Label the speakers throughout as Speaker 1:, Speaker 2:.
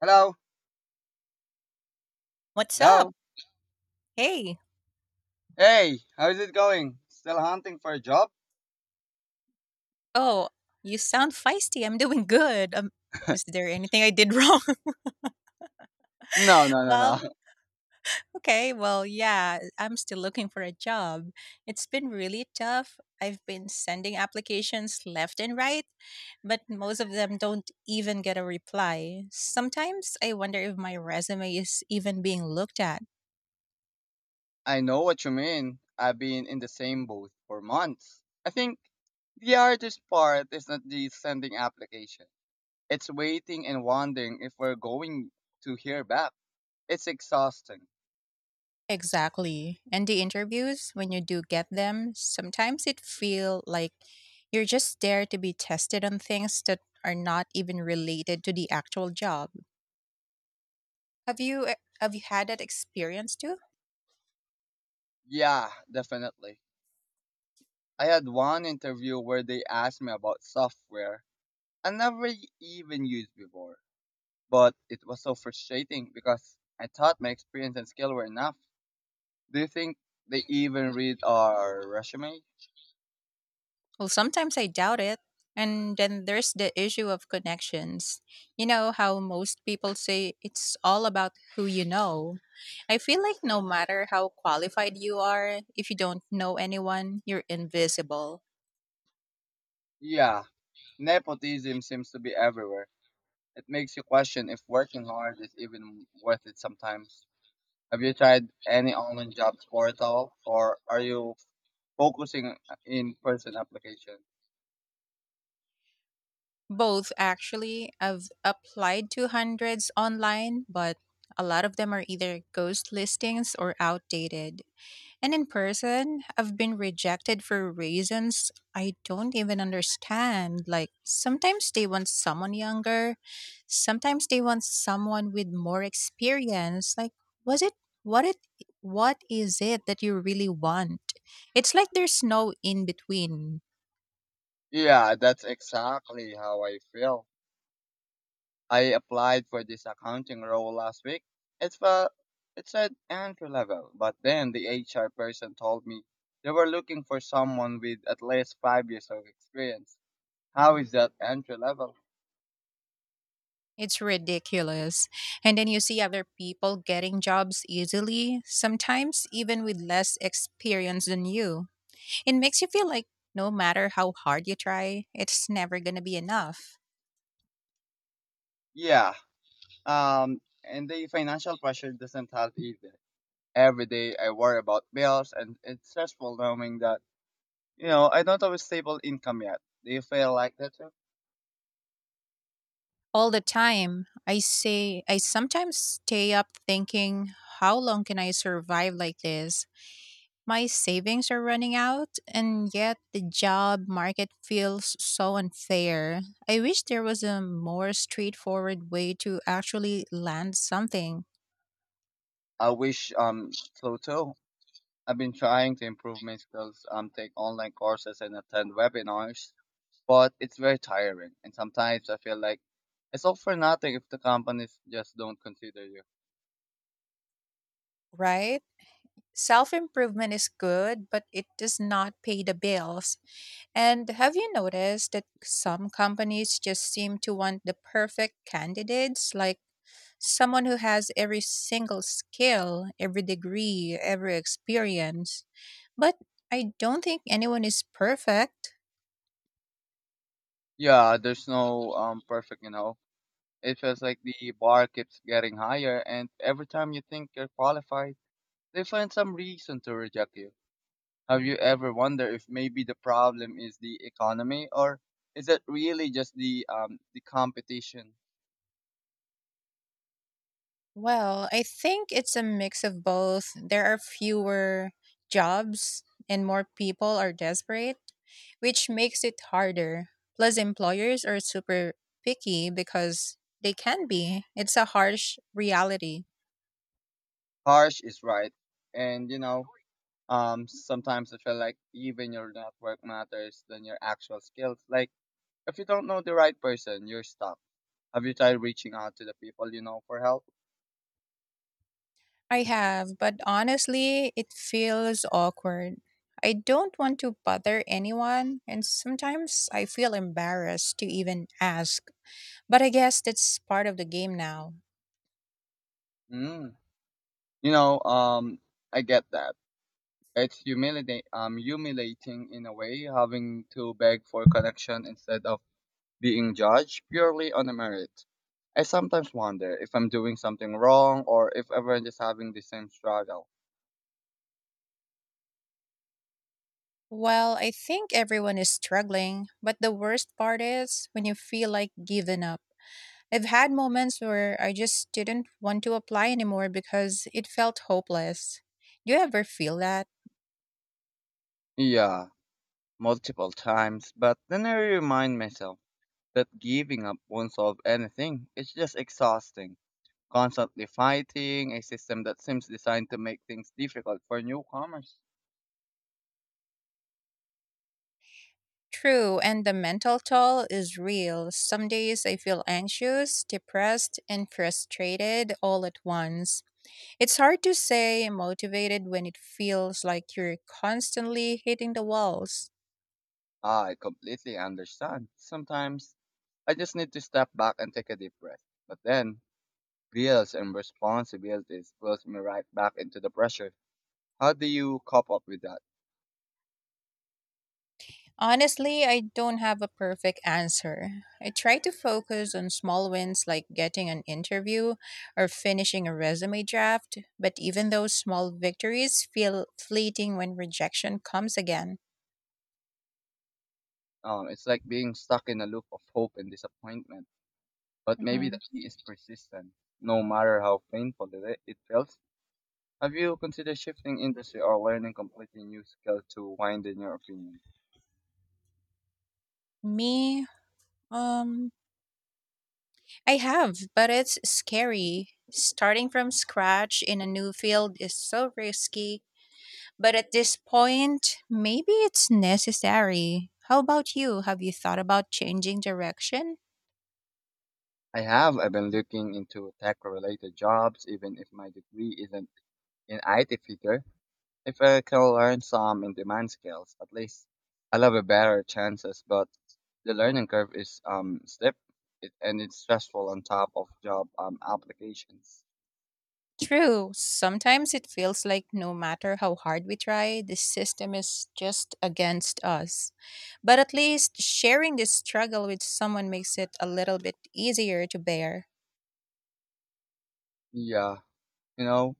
Speaker 1: Hello?
Speaker 2: What's up?
Speaker 1: Hello?
Speaker 2: Hey.
Speaker 1: Hey, how's it going? Still hunting for a job?
Speaker 2: Oh, you sound feisty. I'm doing good. Is there anything I did wrong?
Speaker 1: No, no, no,
Speaker 2: well,
Speaker 1: no.
Speaker 2: okay. Well, yeah, I'm still looking for a job. It's been really tough. I've been sending applications left and right, but most of them don't even get a reply. Sometimes I wonder if my resume is even being looked at.
Speaker 1: I know what you mean. I've been in the same boat for months. I think the hardest part is not the sending application. It's waiting and wondering if we're going to hear back. It's exhausting.
Speaker 2: Exactly. And the interviews, when you do get them, sometimes it feel like you're just there to be tested on things that are not even related to the actual job. Have you had that experience too?
Speaker 1: Yeah, definitely. I had one interview where they asked me about software I never even used before. But it was so frustrating because I thought my experience and skill were enough. Do you think they even read our resume?
Speaker 2: Well, sometimes I doubt it. And then there's the issue of connections. You know how most people say it's all about who you know. I feel like no matter how qualified you are, if you don't know anyone, you're invisible.
Speaker 1: Yeah, nepotism seems to be everywhere. It makes you question if working hard is even worth it sometimes. Have you tried any online jobs portal or are you focusing in person application?
Speaker 2: Both actually. I've applied to hundreds online, but a lot of them are either ghost listings or outdated. And in person, I've been rejected for reasons I don't even understand. Like sometimes they want someone younger, sometimes they want someone with more experience. Like was it what is it that you really want? It's like there's no in between.
Speaker 1: Yeah, that's exactly how I feel. I applied for this accounting role last week. It felt it said entry level, but then the HR person told me they were looking for someone with at least 5 years of experience. How is that entry level?
Speaker 2: It's ridiculous. And then you see other people getting jobs easily, sometimes even with less experience than you. It makes you feel like no matter how hard you try, it's never going to be enough.
Speaker 1: Yeah. And the financial pressure doesn't help either. Every day I worry about bills, and it's stressful knowing that, you know, I don't have a stable income yet. Do you feel like that too?
Speaker 2: All the time, I sometimes stay up thinking, how long can I survive like this? My savings are running out, and yet the job market feels so unfair. I wish there was a more straightforward way to actually land something,
Speaker 1: I wish so too. I've been trying to improve my skills, take online courses and attend webinars, but it's very tiring. And sometimes I feel like it's all for nothing if the companies just don't consider you.
Speaker 2: right? Self improvement is good, but it does not pay the bills. And have you noticed that some companies just seem to want the perfect candidates, like someone who has every single skill, every degree, every experience? But I don't think anyone is perfect.
Speaker 1: Yeah, there's no perfect, you know. It feels like the bar keeps getting higher, and every time you think you're qualified, they find some reason to reject you. Have you ever wondered if maybe the problem is the economy, or is it really just the competition?
Speaker 2: Well, I think it's a mix of both. There are fewer jobs and more people are desperate, which makes it harder. Plus, employers are super picky because they can be. It's a harsh reality.
Speaker 1: Harsh is right, and you know, sometimes I feel like even your network matters than your actual skills. Like, if you don't know the right person, you're stuck. Have you tried reaching out to the people you know for help?
Speaker 2: I have, but honestly, it feels awkward. I don't want to bother anyone, and sometimes I feel embarrassed to even ask. But I guess that's part of the game now.
Speaker 1: Mm. You know, I get that. It's humiliating, humiliating in a way, having to beg for connection instead of being judged purely on a merit. I sometimes wonder if I'm doing something wrong or if everyone is having the same struggle.
Speaker 2: Well, I think everyone is struggling, but the worst part is when you feel like giving up. I've had moments where I just didn't want to apply anymore because it felt hopeless. Do you ever feel that?
Speaker 1: Yeah, multiple times, but then I remind myself that giving up won't solve anything. It's just exhausting. Constantly fighting a system that seems designed to make things difficult for newcomers.
Speaker 2: True, and the mental toll is real. Some days I feel anxious, depressed, and frustrated all at once. It's hard to say motivated when it feels like you're constantly hitting the walls.
Speaker 1: Ah, I completely understand. Sometimes I just need to step back and take a deep breath. But then, bills and responsibilities pulls me right back into the pressure. How do you cope up with that?
Speaker 2: Honestly, I don't have a perfect answer. I try to focus on small wins like getting an interview or finishing a resume draft, but even those small victories feel fleeting when rejection comes again.
Speaker 1: It's like being stuck in a loop of hope and disappointment. But maybe
Speaker 2: Mhm.
Speaker 1: the key is persistence, no matter how painful it feels. Have you considered shifting industry or learning completely new skill to widen your opinion?
Speaker 2: Me, um, I have, but it's scary. Starting from scratch in a new field is so risky, but at this point, maybe it's necessary. How about you? Have you thought about changing direction?
Speaker 1: I have. I've been looking into tech-related jobs, even if my degree isn't in IT field. If I can learn some in-demand skills, at least I love a better chances. But the learning curve is steep, and it's stressful on top of job applications.
Speaker 2: True. Sometimes it feels like no matter how hard we try, the system is just against us. But at least sharing this struggle with someone makes it a little bit easier to bear.
Speaker 1: Yeah, you know,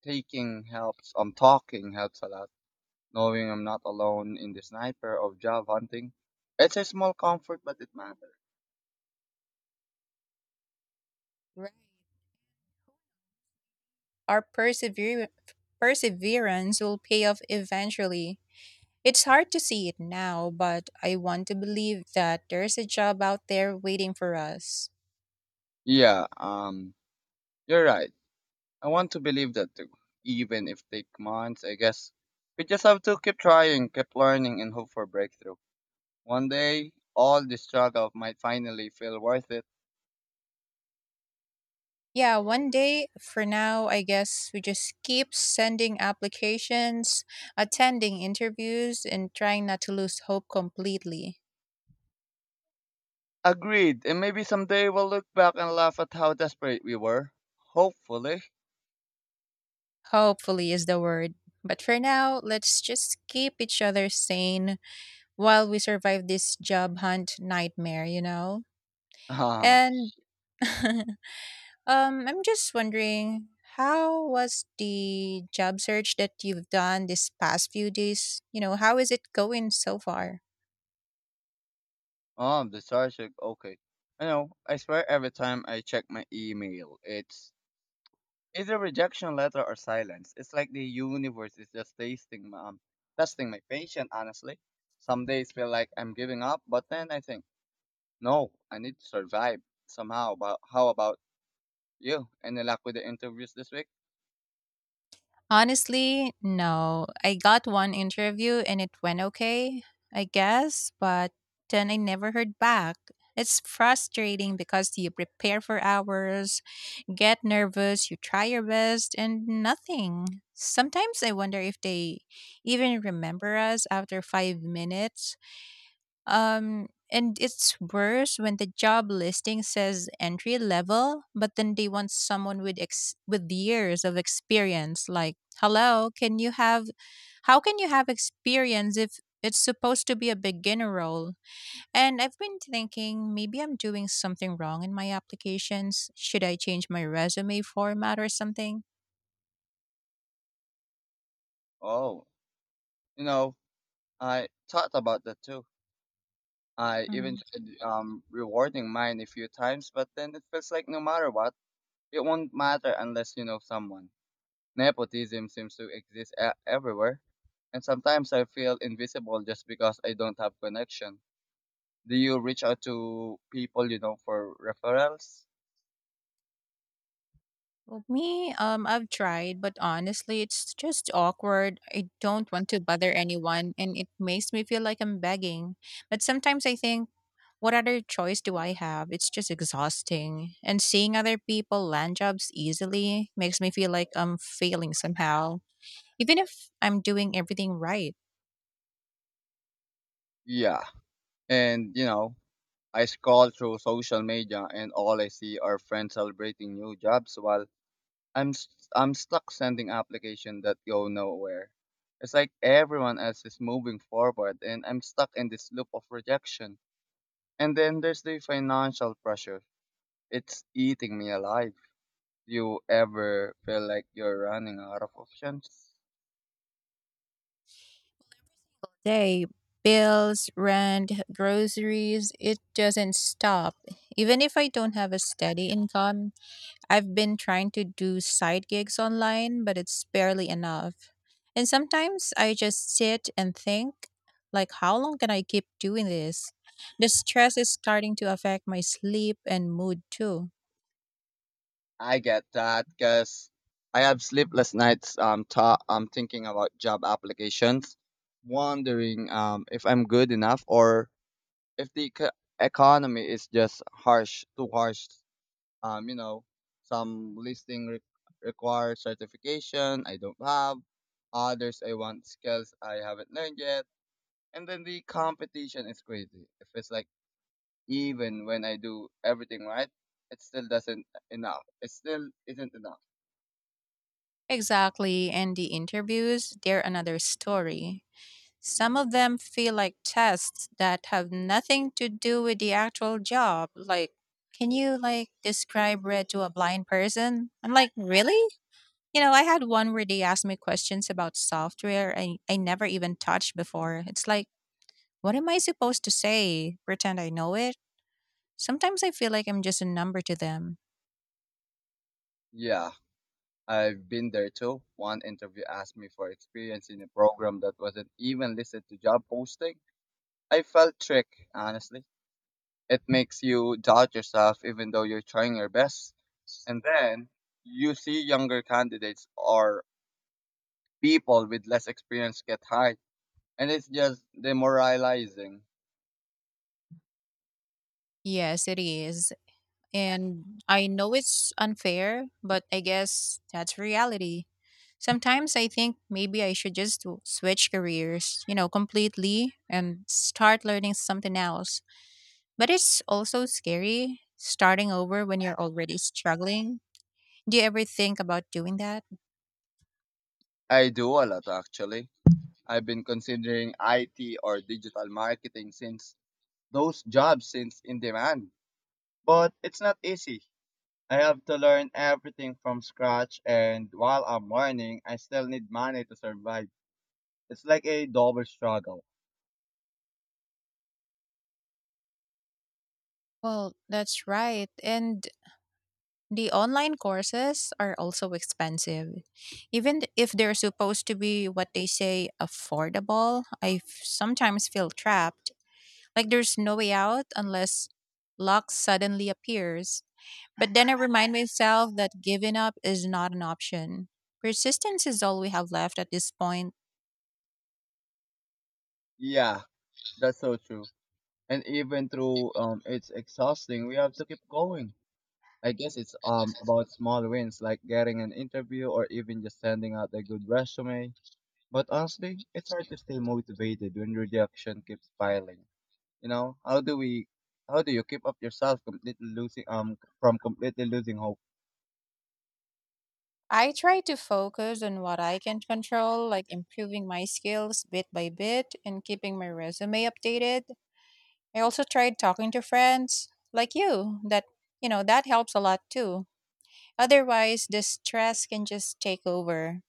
Speaker 1: taking helps. Talking helps a lot. Knowing I'm not alone in the sniper of job hunting. It's a small comfort, but it matters.
Speaker 2: Right. Our persever- perseverance will pay off eventually. It's hard to see it now, but I want to believe that there's a job out there waiting for us.
Speaker 1: Yeah, you're right. I want to believe that too, even if take months. I guess we just have to keep trying, keep learning, and hope for breakthrough. One day, all the struggle might finally feel worth it.
Speaker 2: Yeah, one day for now, I guess we just keep sending applications, attending interviews, and trying not to lose hope completely.
Speaker 1: Agreed, and maybe someday we'll look back and laugh at how desperate we were. Hopefully.
Speaker 2: Hopefully is the word. But for now, let's just keep each other sane while we survive this job hunt nightmare, you know? And I'm just wondering, how was the job search that you've done this past few days? You know, how is it going so far?
Speaker 1: Ah, oh, the Sarshik. Okay. I know. I swear every time I check my email, it's a rejection letter or silence. It's like the universe is just tasting, testing my patience, honestly. Some days feel like I'm giving up, but then I think, no, I need to survive somehow. But how about you? Any luck with the interviews this week?
Speaker 2: Honestly, no. I got one interview and it went okay, I guess, but then I never heard back. It's frustrating because you prepare for hours, get nervous, you try your best, and nothing. Sometimes I wonder if they even remember us after 5 minutes. And it's worse when the job listing says entry level, but then they want someone with with years of experience. Like, hello, can you have? How can you have experience if it's supposed to be a beginner role? And I've been thinking maybe I'm doing something wrong in my applications. Should I change my resume format or something?
Speaker 1: Oh, you know, I thought about that too. I even
Speaker 2: Mm-hmm.
Speaker 1: tried rewarding mine a few times, but then it feels like no matter what, it won't matter unless you know someone. Nepotism seems to exist e- everywhere, and sometimes I feel invisible just because I don't have connection. Do you reach out to people you know for referrals?
Speaker 2: I've tried, but honestly, it's just awkward. I don't want to bother anyone, and it makes me feel like I'm begging. But sometimes I think, what other choice do I have? It's just exhausting. And seeing other people land jobs easily makes me feel like I'm failing somehow, even if I'm doing everything right.
Speaker 1: Yeah, and you know, I scroll through social media, and all I see are friends celebrating new jobs while I'm s- I'm stuck sending applications that go nowhere. It's like everyone else is moving forward, and I'm stuck in this loop of rejection. And then there's the financial pressure. It's eating me alive. You ever feel like you're running out of options.
Speaker 2: They bills, rent, groceries, it doesn't stop. Even if I don't have a steady income, I've been trying to do side gigs online, but it's barely enough. And sometimes I just sit and think, like, how long can I keep doing this? The stress is starting to affect my sleep and mood too.
Speaker 1: I get that because I have sleepless nights. I'm thinking about job applications, wondering if I'm good enough or if the economy is just harsh, too harsh. You know, some listing re- require certification I don't have. Others I want skills I haven't learned yet. And then the competition is crazy. It feels like even when I do everything right, it still doesn't enough. It still isn't enough.
Speaker 2: Exactly. And the interviews, they're another story. Some of them feel like tests that have nothing to do with the actual job. Like, can you like describe red to a blind person? I'm like, really? You know, I had one where they asked me questions about software I never even touched before. It's like, what am I supposed to say? Pretend I know it? Sometimes I feel like I'm just a number to them.
Speaker 1: Yeah, I've been there too. One interview asked me for experience in a program that wasn't even listed to job posting. I felt tricked, honestly. It makes you doubt yourself even though you're trying your best. And then you see younger candidates or people with less experience get hired. And it's just demoralizing.
Speaker 2: Yes, it is. And I know it's unfair, but I guess that's reality. Sometimes I think maybe I should just switch careers, you know, completely and start learning something else. But it's also scary starting over when you're already struggling. Do you ever think about doing that?
Speaker 1: I do a lot actually. I've been considering IT or digital marketing since those jobs since in demand. But it's not easy. I have to learn everything from scratch, and while I'm learning, I still need money to survive. It's like a double struggle.
Speaker 2: Well, that's right. And the online courses are also expensive. Even if they're supposed to be what they say affordable, sometimes feel trapped. Like there's no way out unless luck suddenly appears. But then I remind myself that giving up is not an option. Persistence is all we have left at this point.
Speaker 1: Yeah, that's so true. And even though it's exhausting, we have to keep going. I guess it's about small wins like getting an interview or even just sending out a good resume. But honestly, it's hard to stay motivated when rejection keeps piling. You know, how do you keep up yourself completely losing from completely losing hope?
Speaker 2: I try to focus on what I can control, like improving my skills bit by bit and keeping my resume updated. I also tried talking to friends like you. You know, that helps a lot too. Otherwise, the stress can just take over.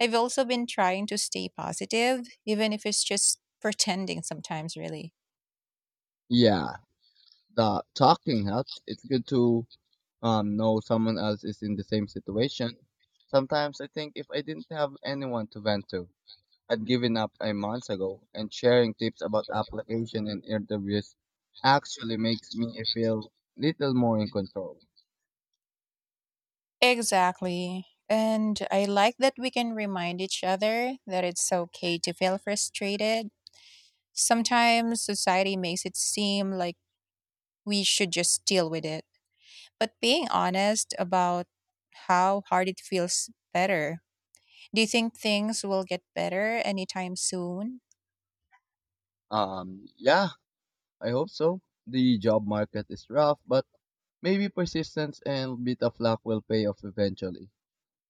Speaker 2: I've also been trying to stay positive, even if it's just pretending sometimes, really.
Speaker 1: Yeah, the talking helps. It's good to know someone else is in the same situation. Sometimes I think if I didn't have anyone to vent to, I'd given up a month ago. And sharing tips about application and interviews actually makes me feel little more in control.
Speaker 2: Exactly. And I like that we can remind each other that it's okay to feel frustrated. Sometimes society makes it seem like we should just deal with it. But being honest about how hard it feels better. Do you think things will get better anytime soon?
Speaker 1: Yeah, I hope so. The job market is rough, but maybe persistence and bit of luck will pay off eventually.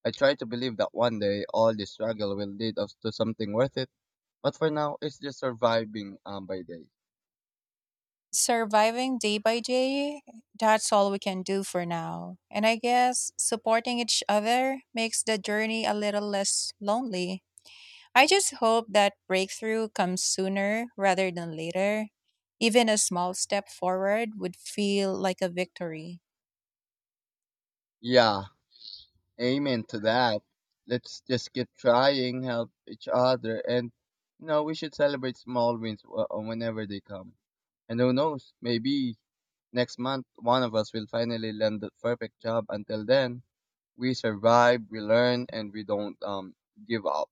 Speaker 1: I try to believe that one day all this struggle will lead us to something worth it, but for now it's just surviving by day.
Speaker 2: Surviving day by day, that's all we can do for now. And I guess supporting each other makes the journey a little less lonely. I just hope that breakthrough comes sooner rather than later. Even a small step forward would feel like a victory.
Speaker 1: Yeah, amen to that. Let's just keep trying, help each other, and you know we should celebrate small wins whenever they come. And who knows, maybe next month one of us will finally land the perfect job. Until then, we survive, we learn, and we don't give up.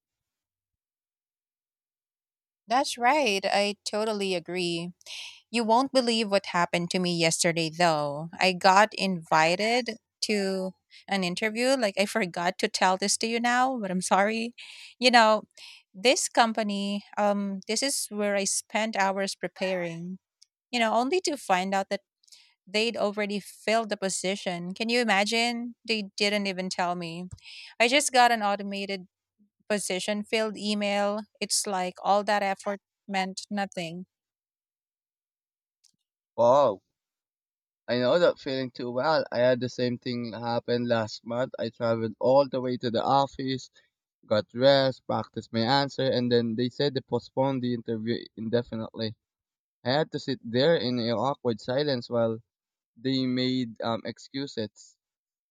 Speaker 2: That's right. I totally agree. You won't believe what happened to me yesterday, though. I got invited to an interview. Like, I forgot to tell this to you now, but I'm sorry. You know, this is where I spent hours preparing, you know, only to find out that they'd already filled the position. Can you imagine? They didn't even tell me. I just got an automated position filled email. It's like all that effort meant nothing.
Speaker 1: Wow, I know that feeling too well. I had the same thing happen last month. I traveled all the way to the office, got dressed, practiced my answer, and then they said they postponed the interview indefinitely. I had to sit there in an awkward silence while they made excuses.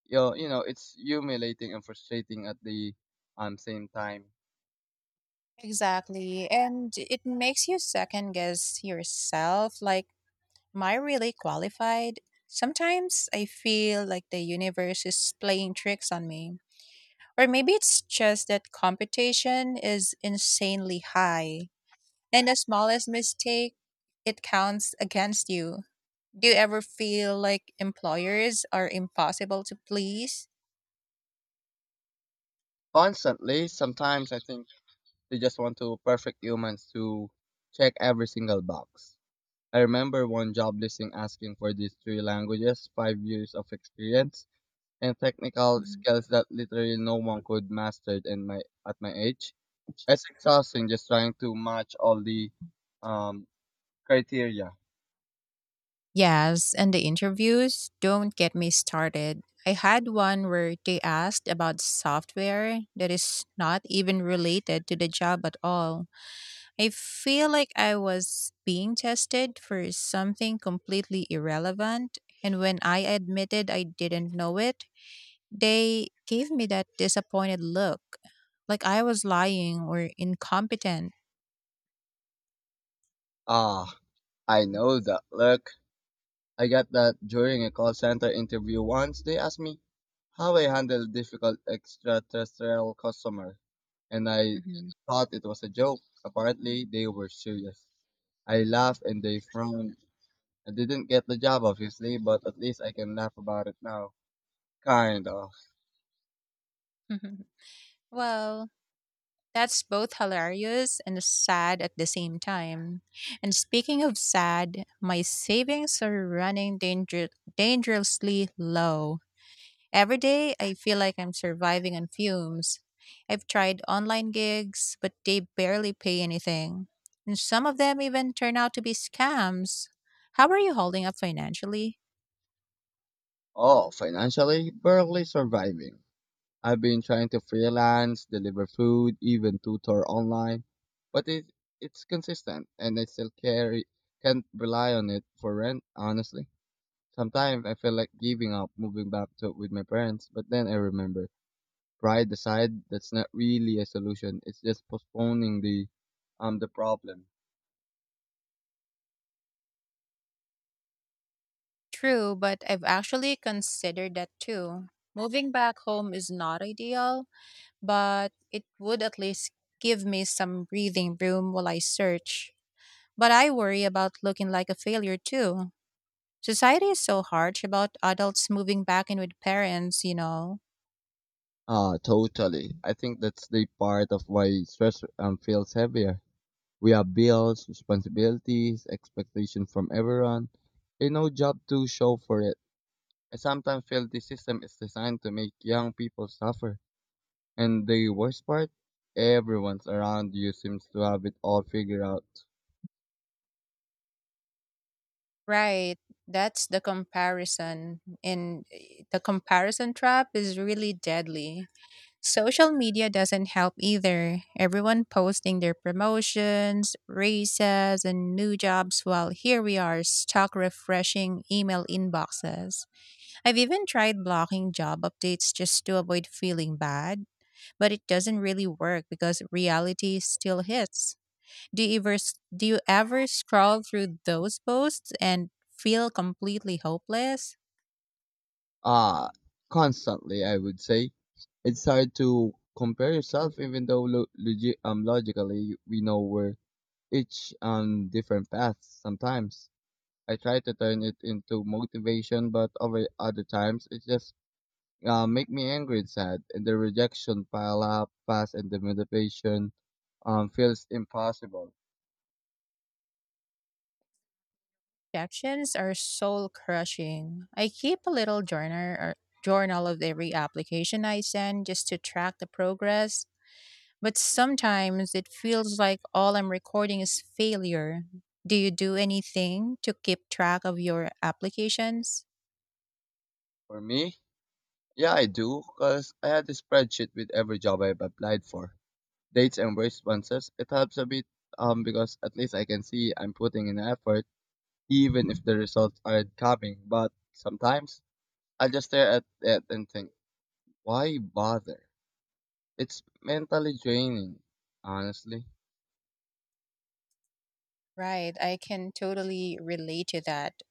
Speaker 1: You know, it's humiliating and frustrating at the same time.
Speaker 2: Exactly. And it makes you second guess yourself. Like, am I really qualified? Sometimes I feel like the universe is playing tricks on me. Or maybe it's just that competition is insanely high. And the smallest mistake, it counts against you. Do you ever feel like employers are impossible to please?
Speaker 1: Constantly, sometimes I think they just want to perfect humans to check every single box. I remember one job listing asking for these three languages, 5 years of experience, and technical skills that literally no one could master in my at my age. It's exhausting just trying to match all the um, criteria.
Speaker 2: Yes, and the interviews, don't get me started. I had one where they asked about software that is not even related to the job at all. I feel like I was being tested for something completely irrelevant, and when I admitted I didn't know it, they gave me that disappointed look, like I was lying or incompetent.
Speaker 1: Ah, I know that look. I got that during a call center interview once. They asked me how I handle difficult extraterrestrial customer, and I
Speaker 2: Mhm.
Speaker 1: thought it was a joke. Apparently, they were serious. I laughed and they frowned. I didn't get the job, obviously, but at least I can laugh about it now. Kind of.
Speaker 2: Well, that's both hilarious and sad at the same time. And speaking of sad, my savings are dangerously low. Every day, I feel like I'm surviving on fumes. I've tried online gigs, but they barely pay anything. And some of them even turn out to be scams. How are you holding up financially?
Speaker 1: Oh, financially, barely surviving. I've been trying to freelance, deliver food, even tutor online, but it's consistent, and I still carry can't rely on it for rent, honestly. Sometimes I feel like giving up, moving back to with my parents, but then I remember pride aside, that's not really a solution. It's just postponing the problem.
Speaker 2: True, but I've actually considered that too. Moving back home is not ideal, but it would at least give me some breathing room while I search. But I worry about looking like a failure too. Society is so harsh about adults moving back in with parents, you know.
Speaker 1: Ah, totally. I think that's the part of why stress feels heavier. We have bills, responsibilities, expectations from everyone, and no job to show for it. I sometimes feel the system is designed to make young people suffer. And the worst part, everyone's around you seems to have it all figured out.
Speaker 2: Right. That's the comparison. And the comparison trap is really deadly. Social media doesn't help either. Everyone posting their promotions, raises, and new jobs while here we are stuck refreshing email inboxes. I've even tried blocking job updates just to avoid feeling bad, but it doesn't really work because reality still hits. Do you ever do you ever scroll through those posts and feel completely hopeless?
Speaker 1: Ah, constantly, I would say. It's hard to compare yourself, even though logically we know we're each on different paths sometimes. I try to turn it into motivation, but over other times it just make me angry and sad, and the rejection pile up fast, and the motivation feels impossible.
Speaker 2: Rejections are soul crushing. I keep a little journal of every application I send just to track the progress, but sometimes it feels like all I'm recording is failure. Do you do anything to keep track of your applications?
Speaker 1: For me, yeah, I do, because I had a spreadsheet with every job I've applied for, dates and responses. It helps a bit because at least I can see I'm putting in effort, even if the results aren't coming. But sometimes I just stare at it and think, why bother? It's mentally draining, honestly.
Speaker 2: Right, I can totally relate to that.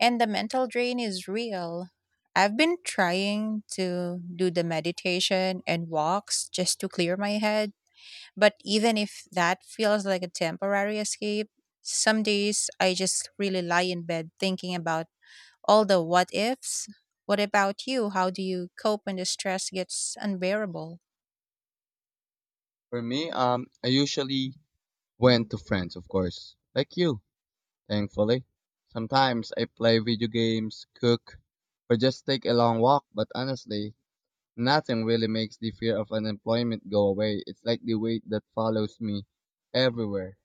Speaker 2: And the mental drain is real. I've been trying to do the meditation and walks just to clear my head, but even if that feels like a temporary escape, some days I just really lie in bed thinking about all the what ifs. What about you? How do you cope when the stress gets unbearable?
Speaker 1: For me, I usually went to friends, of course. Like you, thankfully. Sometimes I play video games, cook, or just take a long walk, but honestly, nothing really makes the fear of unemployment go away. It's like the weight that follows me everywhere.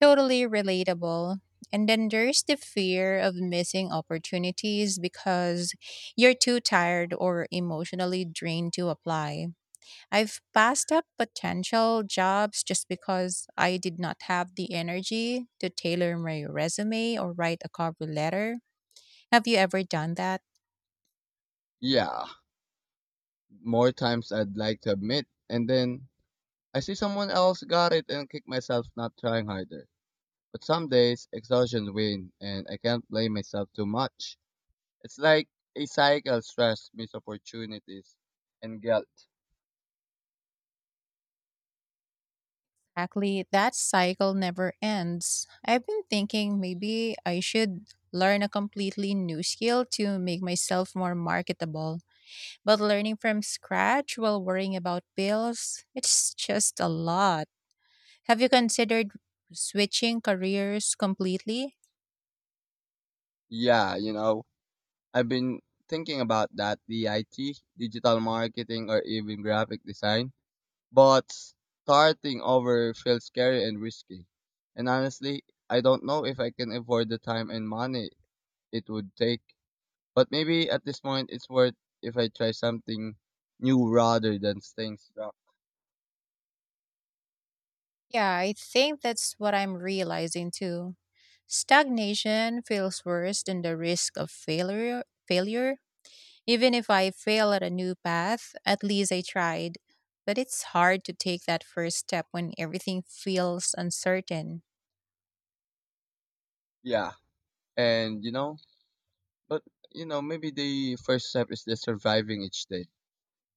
Speaker 2: Totally relatable. And then there's the fear of missing opportunities because you're too tired or emotionally drained to apply. I've passed up potential jobs just because I did not have the energy to tailor my resume or write a cover letter. Have you ever done that?
Speaker 1: Yeah, more times I'd like to admit, and then I see someone else got it and kick myself not trying harder. But some days, exhaustion wins, and I can't blame myself too much. It's like a cycle stress, missed opportunities, and guilt.
Speaker 2: Exactly, that cycle never ends. I've been thinking maybe I should learn a completely new skill to make myself more marketable. But learning from scratch while worrying about bills, it's just a lot. Have you considered switching careers completely?
Speaker 1: Yeah, you know, I've been thinking about that the IT, digital marketing, or even graphic design, but starting over feels scary and risky. And honestly, I don't know if I can afford the time and money it would take. But maybe at this point, it's worth if I try something new rather than staying stuck.
Speaker 2: Yeah, I think that's what I'm realizing too. Stagnation feels worse than the risk of failure. Failure. Even if I fail at a new path, at least I tried. But it's hard to take that first step when everything feels uncertain.
Speaker 1: Yeah, and you know, But you know, maybe the first step is just surviving each day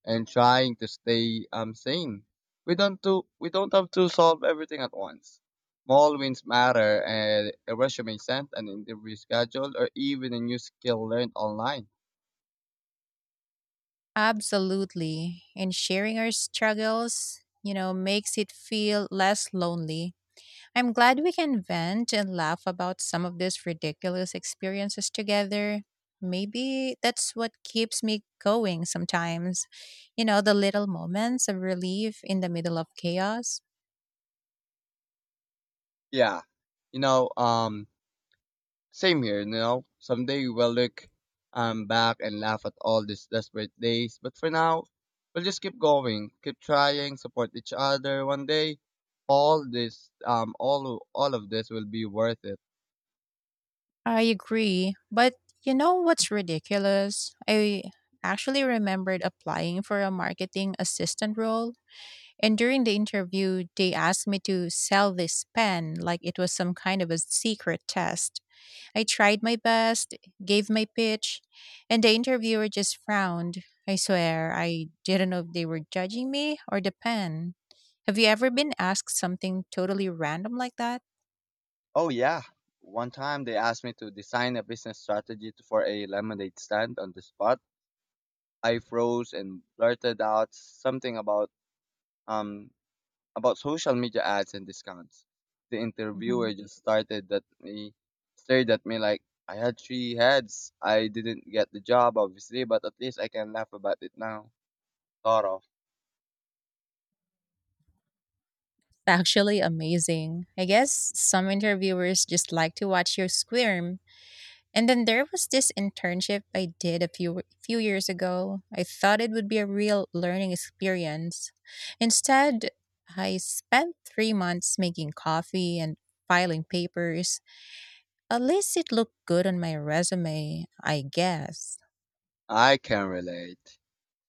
Speaker 1: and trying to stay sane. We don't have to solve everything at once. Small wins matter, and a resume sent, an interview scheduled, or even a new skill learned online.
Speaker 2: Absolutely. And sharing our struggles, you know, makes it feel less lonely. I'm glad we can vent and laugh about some of these ridiculous experiences together. Maybe that's what keeps me going sometimes. You know, the little moments of relief in the middle of chaos.
Speaker 1: Yeah, you know, um, same here, you know. Someday we'll look back and laugh at all these desperate days, but for now, we'll just keep going, keep trying, support each other. One day, all of this will be worth it.
Speaker 2: I agree. But you know what's ridiculous? I actually remembered applying for a marketing assistant role. And during the interview, they asked me to sell this pen like it was some kind of a secret test. I tried my best, gave my pitch, and the interviewer just frowned. I swear, I didn't know if they were judging me or the pen. Have you ever been asked something totally random like that?
Speaker 1: Oh yeah. One time they asked me to design a business strategy for a lemonade stand on the spot. I froze and blurted out something um about social media ads and discounts. The interviewer
Speaker 2: Mhm.
Speaker 1: just started at me, Stared at me like I had three heads. I didn't get the job, obviously, but at least I can laugh about it now. Sort of.
Speaker 2: Actually, amazing. I guess some interviewers just like to watch you squirm. And then there was this internship I did a few years ago. I thought it would be a real learning experience. Instead, I spent 3 months making coffee and filing papers. At least it looked good on my resume, I guess.
Speaker 1: I can relate.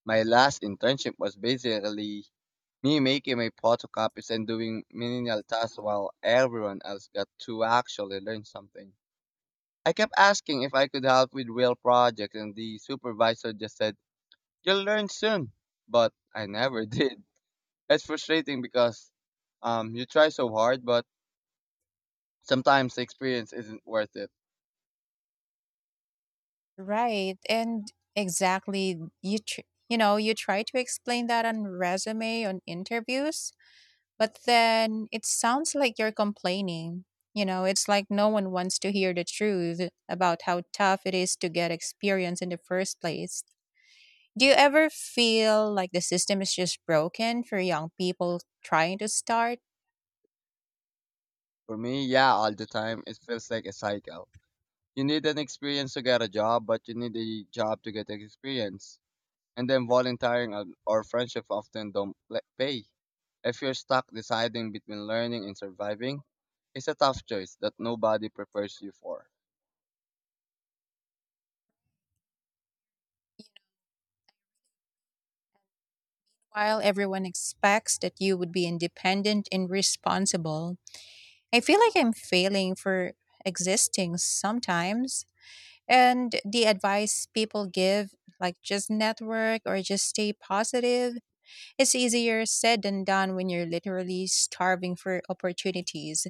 Speaker 1: My last internship was basically me making my photocopies and doing menial tasks while everyone else got to actually learn something. I kept asking if I could help with real projects, and the supervisor just said, "You'll learn soon." But I never did. It's frustrating because you try so hard, but sometimes the experience isn't worth it.
Speaker 2: Right. And exactly, you know, you try to explain that on resume on interviews, but then it sounds like you're complaining. You know, it's like no one wants to hear the truth about how tough it is to get experience in the first place. Do you ever feel like the system is just broken for young people trying to start?
Speaker 1: For me, yeah, all the time it feels like a cycle. You need an experience to get a job, but you need a job to get the experience. And then volunteering or friendship often don't pla- pay. If you're stuck deciding between learning and surviving, it's a tough choice that nobody prepares you for.
Speaker 2: While everyone expects that you would be independent and responsible, I feel like I'm failing for existing sometimes. And the advice people give, like just network or just stay positive, it's easier said than done when you're literally starving for opportunities.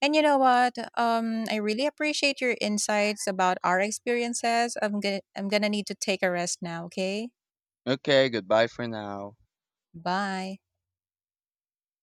Speaker 2: And you know what? I really appreciate your insights about our experiences. I'm gonna need to take a rest now. Okay.
Speaker 1: Okay, goodbye for now.
Speaker 2: Bye.